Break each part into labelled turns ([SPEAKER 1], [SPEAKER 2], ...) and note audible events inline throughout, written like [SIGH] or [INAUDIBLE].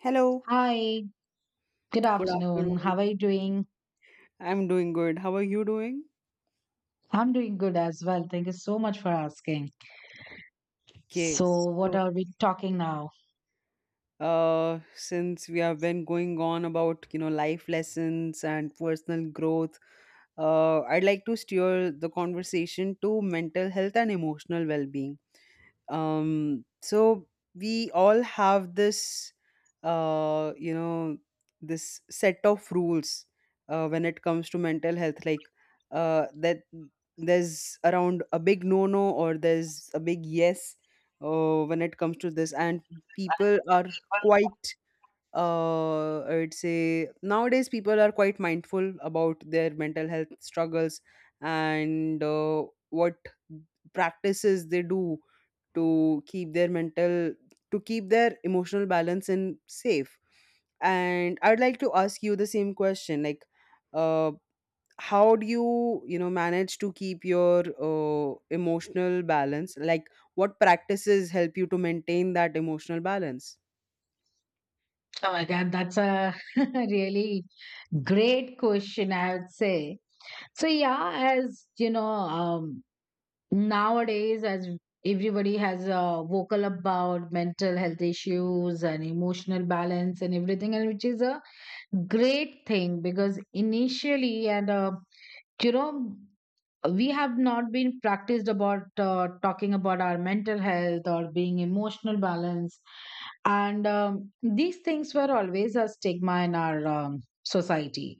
[SPEAKER 1] Hello.
[SPEAKER 2] Hi, good
[SPEAKER 1] Good
[SPEAKER 2] afternoon.
[SPEAKER 1] afternoon.
[SPEAKER 2] How are you doing?
[SPEAKER 1] I'm doing good. How are you doing?
[SPEAKER 2] I'm doing good as well. Thank you so much for asking. So,
[SPEAKER 1] Yes.
[SPEAKER 2] what
[SPEAKER 1] So,
[SPEAKER 2] are we talking now?
[SPEAKER 1] uh, since we have been going on about life lessons and personal growth, I'd like to steer the conversation to mental health and emotional well-being. So we all have this, uh, you know this set of rules when it comes to mental health, like, that there's around a big no no, or there's a big yes when it comes to this. And people are quite— I'd say nowadays people are quite mindful about their mental health struggles and what practices they do to keep their mental— to keep their emotional balance in safe. And I'd like to ask you the same question, like, uh how do you you know manage to keep your emotional balance, like what practices help you to maintain that emotional balance?
[SPEAKER 2] Oh my God, that's a [LAUGHS] really great question, I would say. So, yeah, as you know, nowadays, as everybody has vocal about mental health issues and emotional balance and everything, and which is a great thing because initially and you know we have not been practiced about talking about our mental health or being emotional balance, and these things were always a stigma in our society.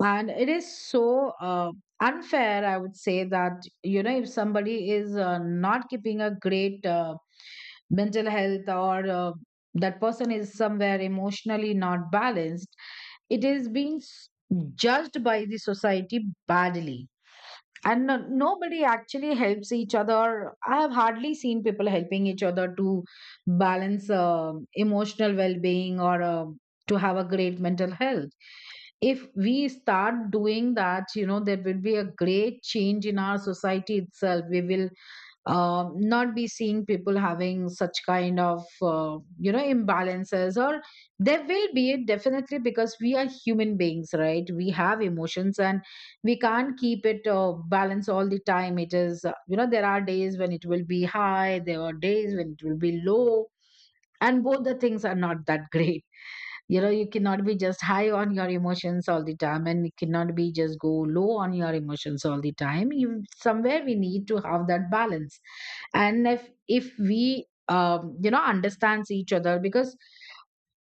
[SPEAKER 2] And it is so unfair, I would say, that you know if somebody is not keeping a great mental health, or that person is somewhere emotionally not balanced, it is being judged by the society badly. And nobody actually helps each other. I have hardly seen people helping each other to balance emotional well-being or to have a great mental health. If we start doing that, you know, there will be a great change in our society itself. We will not be seeing people having such kind of imbalances, or there will be. It definitely, because we are human beings, right? We have emotions, and we can't keep it balanced all the time. It is there are days when it will be high, there are days when it will be low, and both the things are not that [LAUGHS] great. You know, you cannot be just high on your emotions all the time, and you cannot be just go low on your emotions all the time. You, somewhere we need to have that balance. And if we you know understands each other, because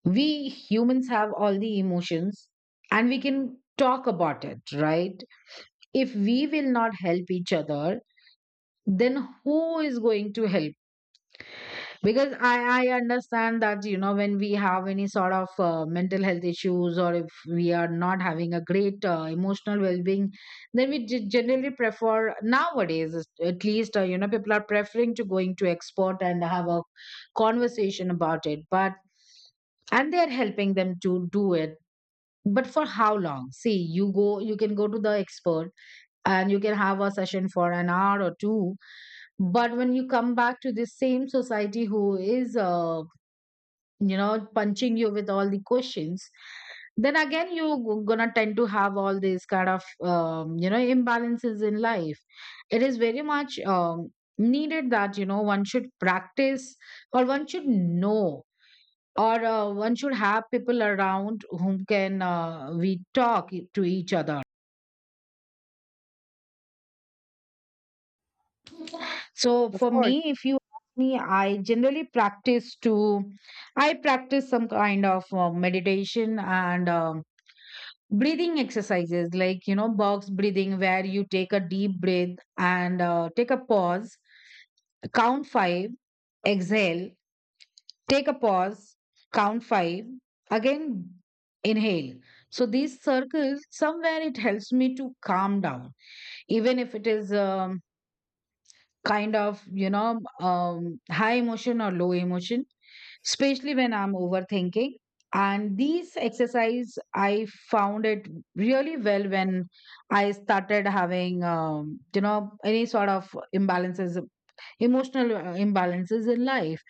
[SPEAKER 2] we humans have all the emotions, and we can talk about it, right? If we will not help each other, then who is going to help? Because I understand that, you know, when we have any sort of mental health issues, or if we are not having a great emotional well-being, then we generally prefer nowadays at least you know people are preferring to going to expert and have a conversation about it but, and they're helping them to do it. But for how long? See, you go, you can go to the expert and you can have a session for an hour or two, but when you come back to the same society who is you know punching you with all the questions, then again you're gonna tend to have all these kind of imbalances in life. It is very much needed that, you know, one should practice, or one should know, or one should have people around whom can we talk to each other. So
[SPEAKER 1] Of
[SPEAKER 2] for
[SPEAKER 1] course.
[SPEAKER 2] me, if you ask me, I generally practice to, I practice some kind of meditation and breathing exercises, like, you know, box breathing, where you take a deep breath and take a pause, count five, exhale, take a pause, count five, again, inhale. So these circles, somewhere it helps me to calm down, even if it is kind of high emotion or low emotion, especially when I'm overthinking. And these exercise, I found it really well when I started having you know any sort of imbalances, emotional imbalances in life.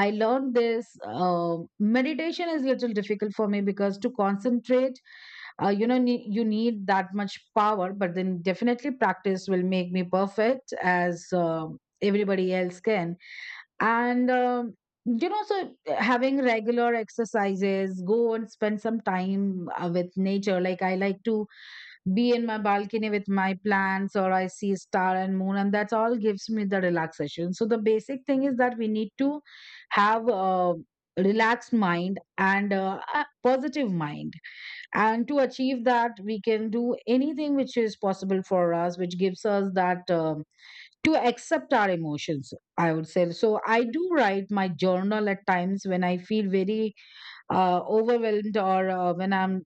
[SPEAKER 2] I learned this. Um, meditation is little difficult for me because to concentrate, you know, you need that much power. But then definitely practice will make me perfect, as everybody else can. And you know, so having regular exercises, go and spend some time with nature. Like I like to be in my balcony with my plants, or I see star and moon, and that's all gives me the relaxation. So the basic thing is that we need to have a relaxed mind and a positive mind, and to achieve that we can do anything which is possible for us, which gives us that to accept our emotions, I would say. So I do write my journal at times when I feel very overwhelmed, or when I'm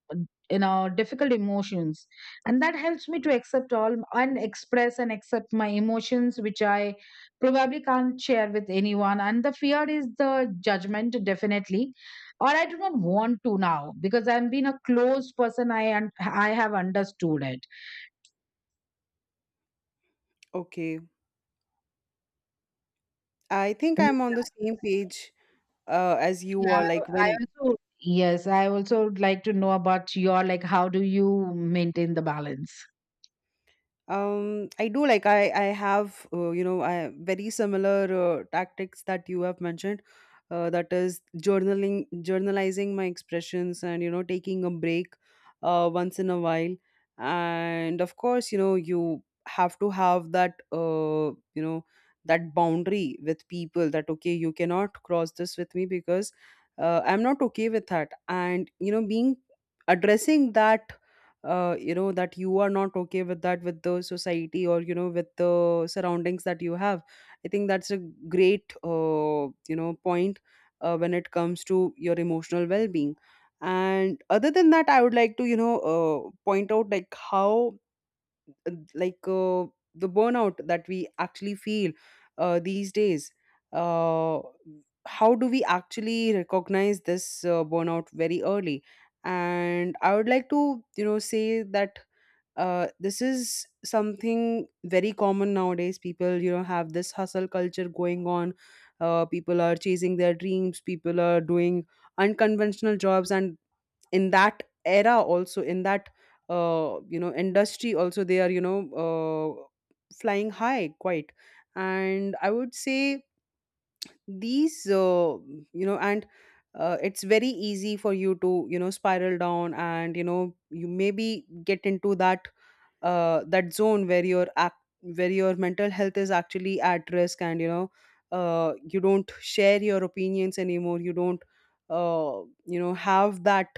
[SPEAKER 2] in a difficult emotions, and that helps me to accept all and express and accept my emotions which I probably can't share with anyone, and the fear is the judgment, definitely. Or I do not want to now, because I'm been a closed person, I and I have understood it.
[SPEAKER 1] Okay, I think
[SPEAKER 2] Mm.
[SPEAKER 1] I'm on the same page as you
[SPEAKER 2] Yeah,
[SPEAKER 1] are. Like
[SPEAKER 2] I
[SPEAKER 1] when—
[SPEAKER 2] also, yes, I also would like to know about your, like, how do you maintain the balance?
[SPEAKER 1] I do, like I have, I, very similar tactics that you have mentioned. That is journaling, journalizing my expressions, and taking a break once in a while. And of course, you have to have that, that boundary with people, that okay, you cannot cross this with me because I'm not okay with that. And being— addressing that, that you are not okay with that, with the society or with the surroundings that you have. I think that's a great, point when it comes to your emotional well-being. And other than that, I would like to point out, like how uh, like uh, the burnout that we actually feel these days. uh, how do we actually recognize this burnout very early? And I would like to say that this is something very common nowadays. People, have this hustle culture going on. People are chasing their dreams, people are doing unconventional jobs, and in that era also, in that, industry also, they are flying high quite. And I would say these, you know and it's very easy for you to spiral down, and you maybe get into that, that zone where your act— where your mental health is actually at risk. And you don't share your opinions anymore, you don't have that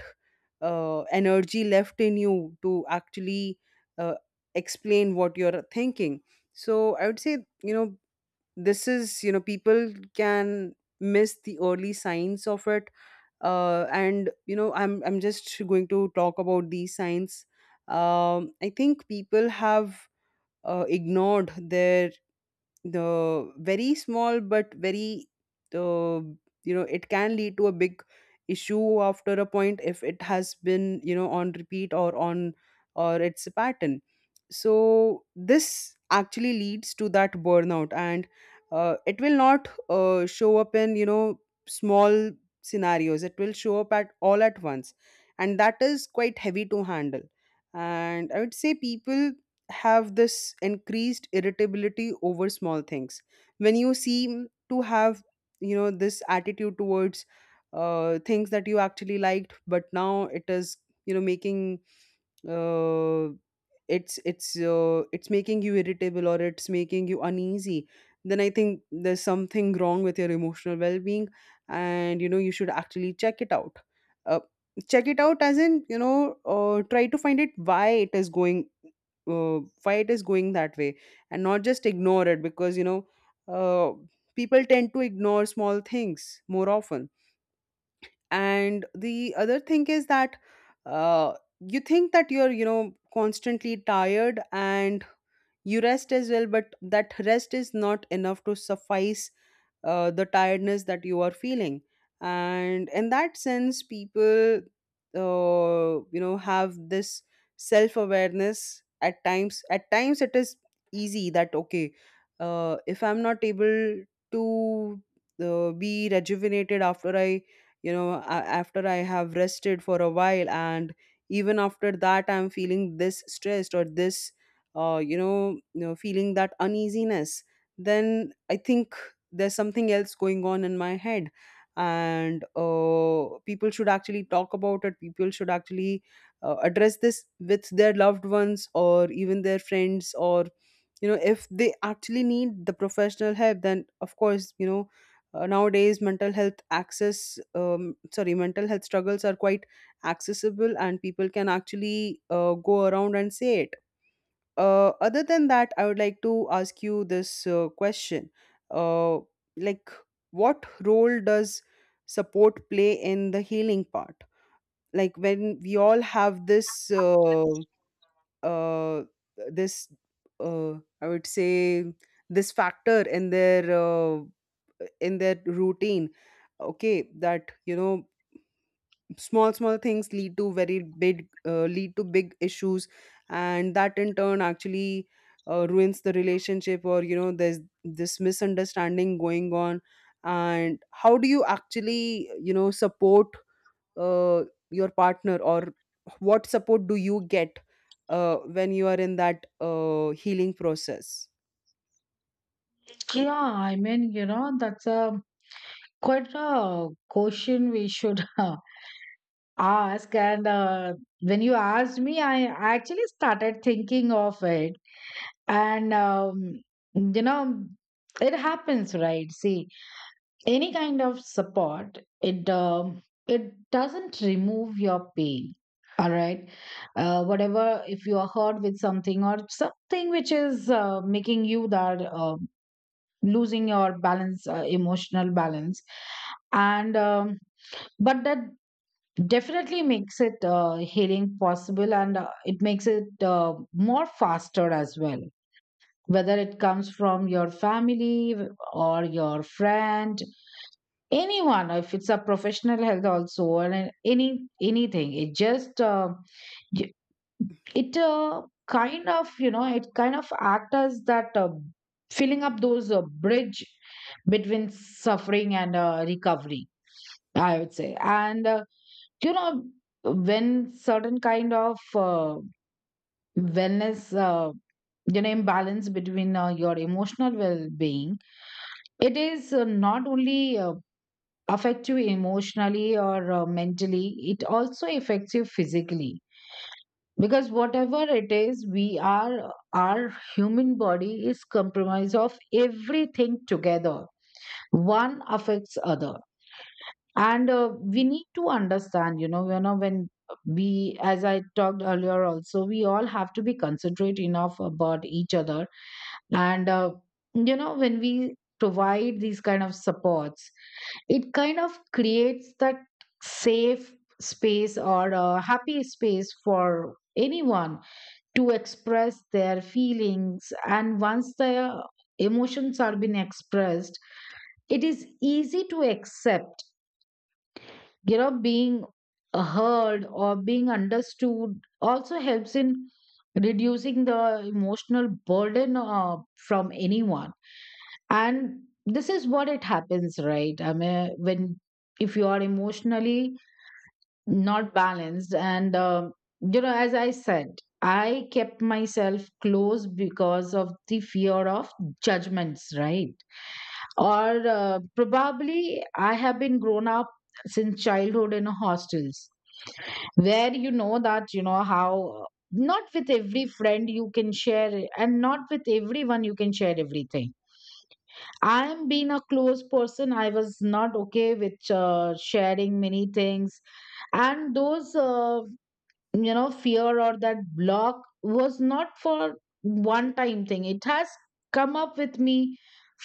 [SPEAKER 1] energy left in you to actually uh, explain what you're thinking. So I would say, you know this is— people can miss the early signs of it. And I'm— just going to talk about these signs. I think people have ignored their— the very small but very uh, it can lead to a big issue after a point, if it has been on repeat or on— or it's a pattern. So this actually leads to that burnout, and it will not show up in small scenarios, it will show up at all at once, and that is quite heavy to handle. And I would say people have this increased irritability over small things. When you seem to have this attitude towards things that you actually liked, but now it is making uh, it's making you irritable, or it's making you uneasy, then I think there's something wrong with your emotional well-being, and you should actually check it out. uh, Check it out, as in, try to find it, why it is going why it is going that way, and not just ignore it. Because uh, people tend to ignore small things more often. And the other thing is that, uh, you think that you're constantly tired, and you rest as well, but that rest is not enough to suffice the tiredness that you are feeling. And in that sense, people have this self awareness. At times, at times it is easy, that okay, if I'm not able to be rejuvenated after I— after I have rested for a while, and even after that I'm feeling this stressed or this, feeling that uneasiness, then I think there's something else going on in my head. And people should actually talk about it, people should actually address this with their loved ones, or even their friends, or if they actually need the professional help, then of course, nowadays mental health access— sorry, mental health struggles are quite accessible, and people can actually go around and say it. Other than that, I would like to ask you this question. Uh, like, what role does support play in the healing part? Like, when we all have this, uh, this, uh, I would say, this factor in their, in their routine. Okay, that small small things lead to very big— lead to big issues, and that in turn actually ruins the relationship, or there's this misunderstanding going on. And how do you actually support uh, your partner, or what support do you get when you are in that healing process?
[SPEAKER 2] Yeah, I mean, you know, that's a quite a question we should [LAUGHS] ask. And when you asked me, I actually started thinking of it. And you know, it happens, right? See, any kind of support, it it doesn't remove your pain, all right? Whatever, if you are hurt with something, or something which is making you that losing your balance, emotional balance. And but that definitely makes it healing possible, and it makes it more faster as well. Whether it comes from your family, or your friend, anyone, if it's a professional health also, or any anything, it just y- it kind of you know it kind of act as that filling up those bridge between suffering and recovery, I would say. And you know, when certain kind of uh, wellness you know imbalance between your emotional well-being, it is not only affect you emotionally, or mentally, it also affects you physically. Because whatever it is, we are, our human body is compromised of everything together. One affects other. And we need to understand, you know, you know, when we, as I talked earlier also, we all have to be considerate enough about each other. And you know, when we provide these kind of supports, it kind of creates that safe space or a happy space for anyone to express their feelings. And once their emotions are being expressed, it is easy to accept. You know, being heard or being understood also helps in reducing the emotional burden from anyone. And this is what it happens, right? I mean, when, if you are emotionally not balanced, and you know, as I said, I kept myself close because of the fear of judgments, right? Or probably, I have been grown up since childhood in hostels, where, you know that, you know how not with every friend you can share it, and not with everyone you can share everything. I am being a close person, I was not okay with sharing many things. And those you know fear, or that block, was not for one time thing. It has come up with me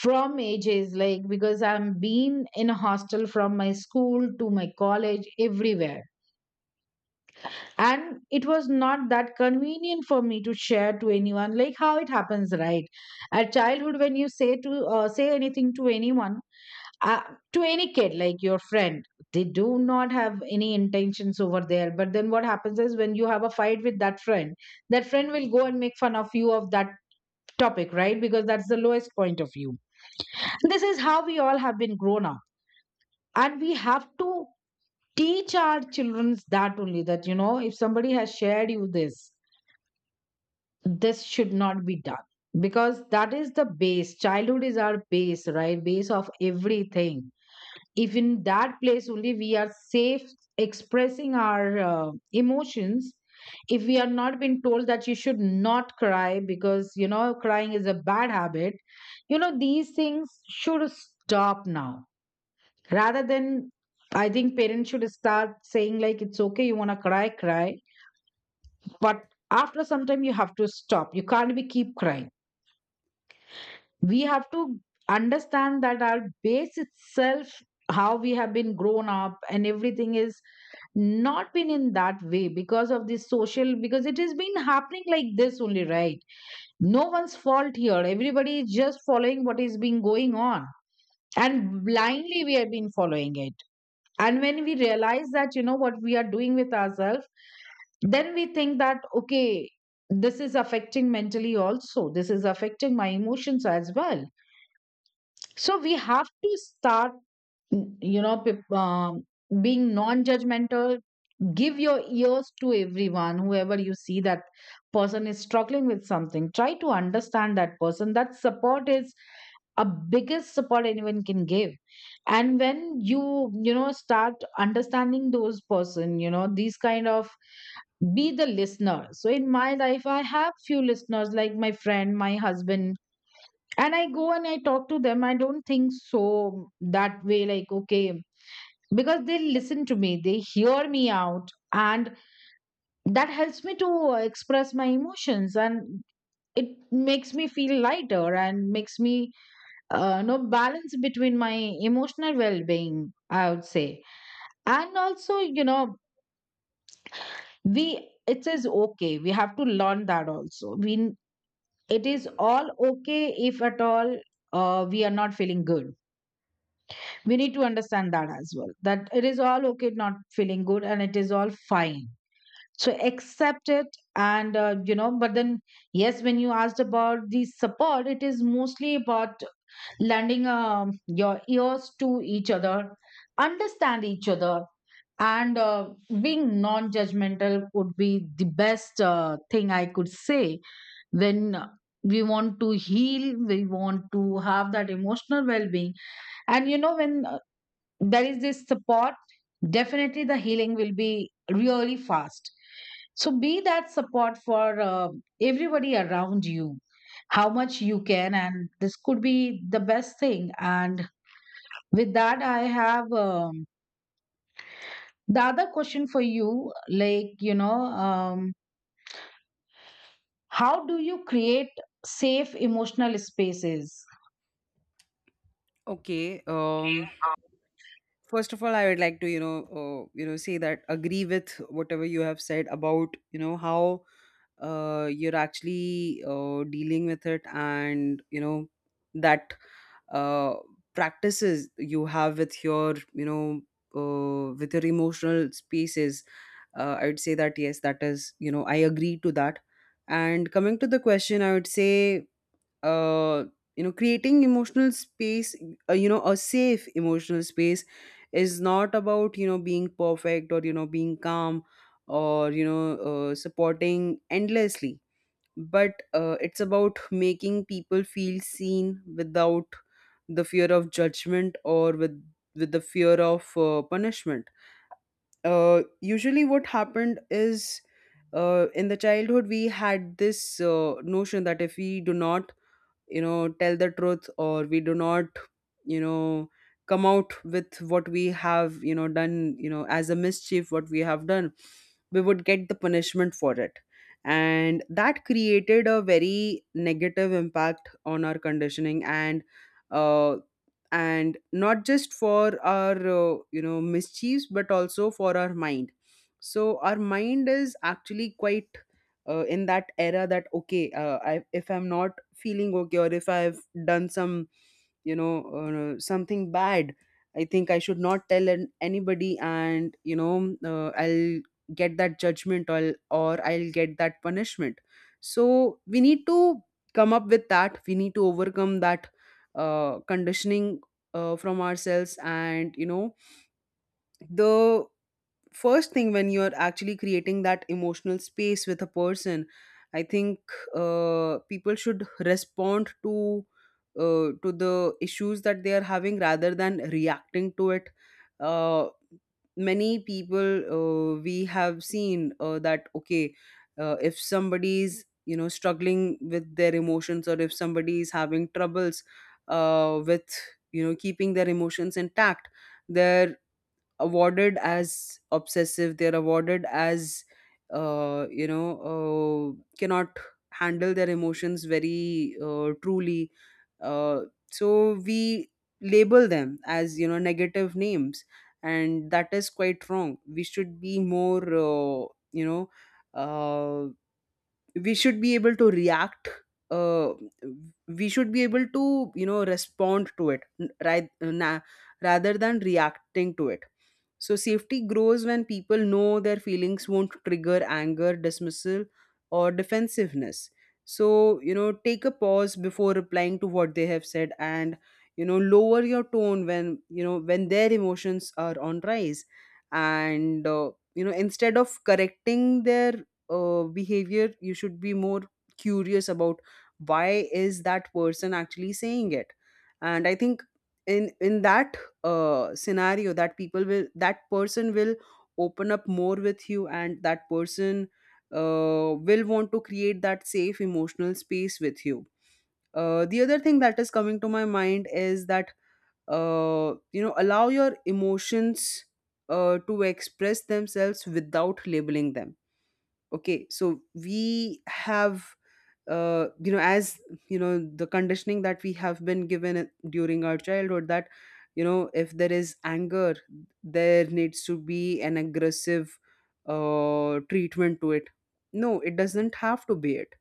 [SPEAKER 2] from ages, like, because I'm been in a hostel from my school to my college, everywhere. And it was not that convenient for me to share to anyone. Like, how it happens, right, at childhood, when you say to say anything to anyone, uh, to any kid, like your friend, they do not have any intentions over there, but then what happens is when you have a fight with that friend, that friend will go and make fun of you of that topic, right? Because that's the lowest point of view. This is how we all have been grown up. And we have to teach our children that only, that, you know, if somebody has shared you this, this should not be done, because that is the base. Childhood is our base, right? Base of everything. If in that place only we are safe expressing our emotions, if we are not been told that you should not cry because, you know, crying is a bad habit, you know, these things should stop now. Rather than, I think parents should start saying like, it's okay, you want to cry, cry, but after some time you have to stop, you can't be keep crying. We have to understand that our base itself, how we have been grown up and everything is not been in that way, because of this social, because it has been happening like this only, right? No one's fault here, everybody is just following what is being going on, and blindly we have been following it. And when we realize that, you know, what we are doing with ourselves, then we think that, okay, this is affecting mentally also, this is affecting my emotions as well. So we have to start, you know, being non-judgmental. Give your ears to everyone, whoever you see that person is struggling with something. Try to understand that person. That support is a biggest support anyone can give. And when you, start understanding those person, these kind of be the listener. So in my life, I have few listeners like my friend, my husband, and I go and I talk to them. I don't think so that way, like, okay, because they listen to me, they hear me out, and that helps me to express my emotions, and it makes me feel lighter and makes me know balance between my emotional well-being, I would say. And also, you know we it is okay. We have to learn that also. We It is all okay if at all we are not feeling good. We need to understand that as well, that it is all okay not feeling good, and it is all fine. So accept it. And you know, but then, yes, when you asked about the support, it is mostly about lending your ears to each other, understand each other, and being non-judgmental would be the best thing I could say. When we want to heal, we want to have that emotional well-being, and you know, when there is this support, definitely the healing will be really fast. So be that support for everybody around you, how much you can, and this could be the best thing. And with that, I have the other question for you, like, how do you create safe emotional spaces?
[SPEAKER 1] Okay. First of all, I would like to say that— agree with whatever you have said about how you're actually dealing with it, and that uh, practices you have with your with your emotional spaces. I would say that yes, that is, I agree to that. And coming to the question, I would say uh, creating emotional space, a safe emotional space, is not about being perfect, or being calm, or supporting endlessly, but it's about making people feel seen without the fear of judgment, or with— with the fear of punishment. Usually what happened is, in the childhood we had this notion that if we do not tell the truth, or we do not you know come out with what we have done, as a mischief, what we have done, we would get the punishment for it. And that created a very negative impact on our conditioning. And uh, and not just for our mischiefs, but also for our mind. So our mind is actually quite in that era that okay, if I'm not feeling okay, or if I've done some something bad, I think I should not tell an- anybody, and I'll get that judgment, or I'll get that punishment. So we need to come up with that, we need to overcome that conditioning from ourselves. And the first thing when you're actually creating that emotional space with a person, I think people should respond to the issues that they are having, rather than reacting to it. uh, Many people, we have seen, that okay, if somebody's struggling with their emotions, or if somebody is having troubles with keeping their emotions intact, their— awarded as obsessive, they're awarded as uh, you know cannot handle their emotions very truly. uh, so we label them as negative names, and that is quite wrong. We should be more uh, we should be able to react— uh, we should be able to respond to it, n- ri- na- rather than reacting to it. So safety grows when people know their feelings won't trigger anger, dismissal, or defensiveness. So take a pause before replying to what they have said, and lower your tone when when their emotions are on rise. And instead of correcting their behavior, you should be more curious about why is that person actually saying it. And I think in that scenario, that people will— that person will open up more with you, and that person will want to create that safe emotional space with you. The other thing that is coming to my mind is that, allow your emotions to express themselves without labeling them. Okay, so we have, you know as you know the conditioning that we have been given during our childhood, that if there is anger, there needs to be an aggressive treatment to it. No, it doesn't have to be it.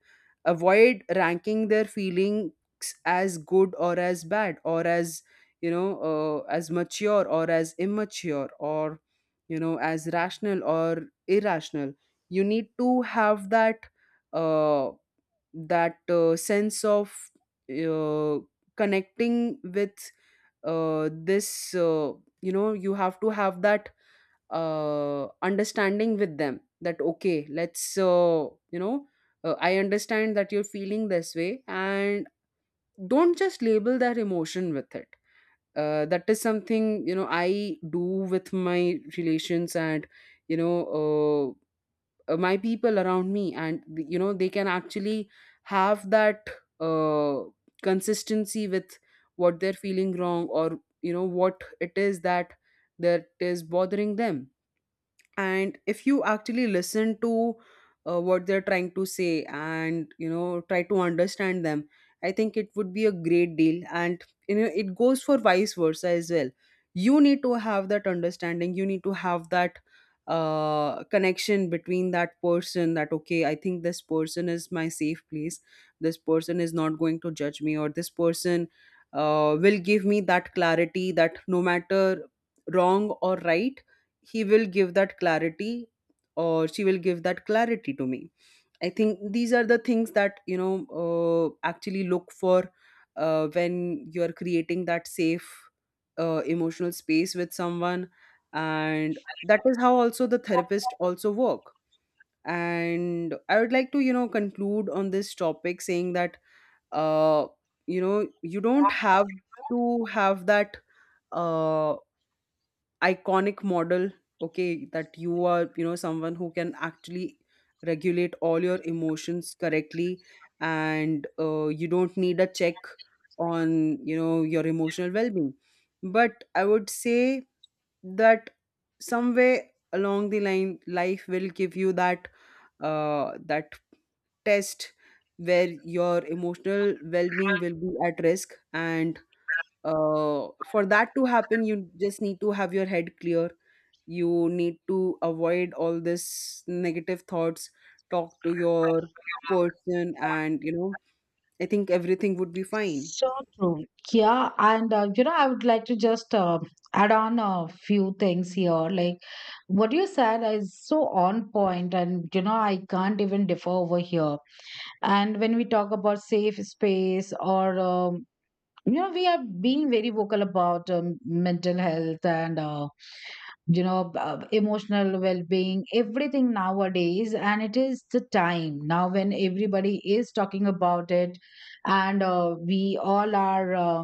[SPEAKER 1] Avoid ranking their feelings as good or as bad, or as as mature or as immature, or as rational or irrational. You need to have that uh, sense of uh, connecting with this you know you have to have that understanding with them that okay, let's you know I understand that you're feeling this way, and don't just label that emotion with it. That is something I do with my relations, and you know uh, my people around me, and they can actually have that uh, consistency with what they're feeling wrong, or what it is that— that is bothering them. And if you actually listen to what they're trying to say, and try to understand them, I think it would be a great deal. And it goes for vice versa as well. You need to have that understanding, you need to have that connection between that person, that okay, I think this person is my safe place, this person is not going to judge me, or this person will give me that clarity, that no matter wrong or right, he will give that clarity, or she will give that clarity to me. I think these are the things that actually look for when you are creating that safe emotional space with someone. And that is how also the therapist also work. And I would like to conclude on this topic saying that, uh, you don't have to have that uh, iconic model, okay, that you are someone who can actually regulate all your emotions correctly, and you don't need a check on your emotional well-being. But I would say that somewhere along the line, life will give you that uh, that test, where your emotional well-being will be at risk. And for that to happen, you just need to have your head clear, you need to avoid all this negative thoughts, talk to your person, and I think everything would be fine.
[SPEAKER 2] So true. Yeah. And you know, I would like to just add on a few things here. Like, what you said is so on point, and you know, I can't even differ over here. And when we talk about safe space, or you know, we are being very vocal about mental health and emotional well being, everything nowadays. And it is the time now when everybody is talking about it, and we all are.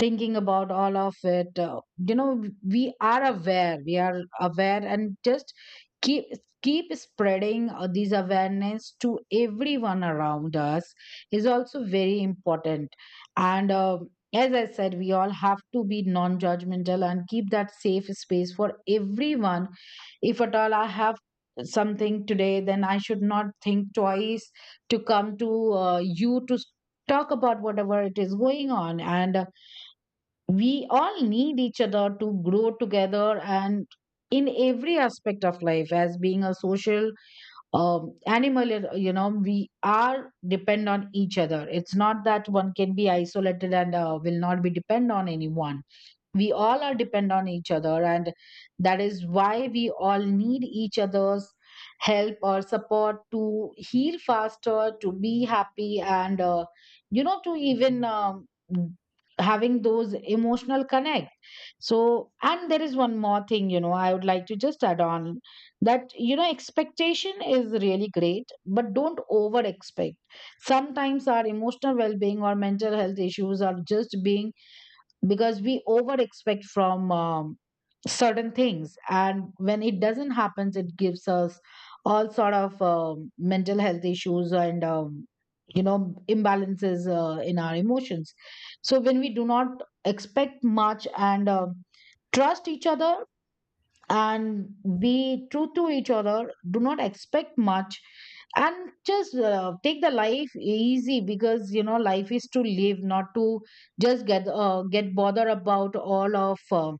[SPEAKER 2] Thinking about all of it, we are aware. We are aware. And just keep keep spreading these awareness to everyone around us is also very important. And as I said, we all have to be non judgmental and keep that safe space for everyone. If at all I have something today, then I should not think twice to come to uh, you to s- talk about whatever it is going on. And we all need each other to grow together and in every aspect of life. As being a social animal, you know, we are depend on each other. It's not that one can be isolated and will not be depend on anyone. We all are depend on each other, and that is why we all need each other's help or support to heal faster, to be happy, and you know, to even having those emotional connect. So, and there is one more thing, you know, I would like to just add on, that you know, expectation is really great, but don't over expect. Sometimes our emotional well-being or mental health issues are just being because we over expect from certain things, and when it doesn't happen, it gives us all sort of mental health issues, and you know, imbalances in our emotions. So when we do not expect much and trust each other, and be true to each other, do not expect much, and just take the life easy, because you know, life is to live, not to just get bothered about all of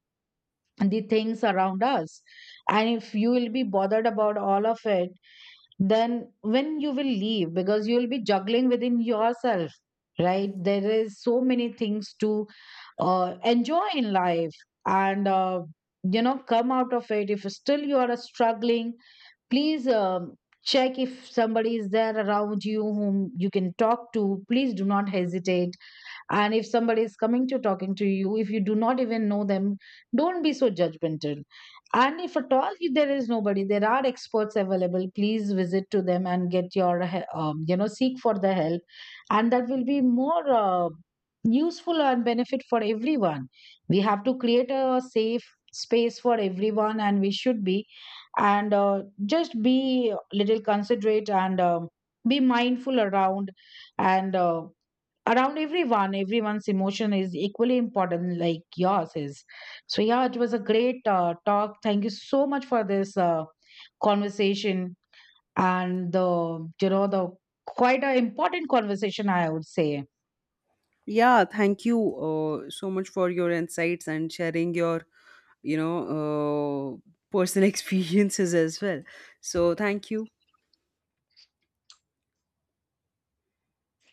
[SPEAKER 2] the things around us. And if you will be bothered about all of it, then when you will leave, because you'll be juggling within yourself, right? There is so many things to enjoy in life. And you know, come out of it. If still you are struggling, please check if somebody is there around you whom you can talk to. Please do not hesitate. And if somebody is coming to talking to you, if you do not even know them, don't be so judgmental. And if at all there is nobody, there are experts available. Please visit to them and get your, you know, seek for the help, and that will be more useful and benefit for everyone. We have to create a safe space for everyone, and we should be, and just be little considerate and be mindful around, and. Around everyone. Everyone's emotion is equally important like yours is. So yeah, it was a great talk. Thank you so much for this conversation, and the you know the quite a important conversation, I would say.
[SPEAKER 1] Yeah, thank you so much for your insights and sharing your you know uh, personal [LAUGHS] experiences as well. So thank you.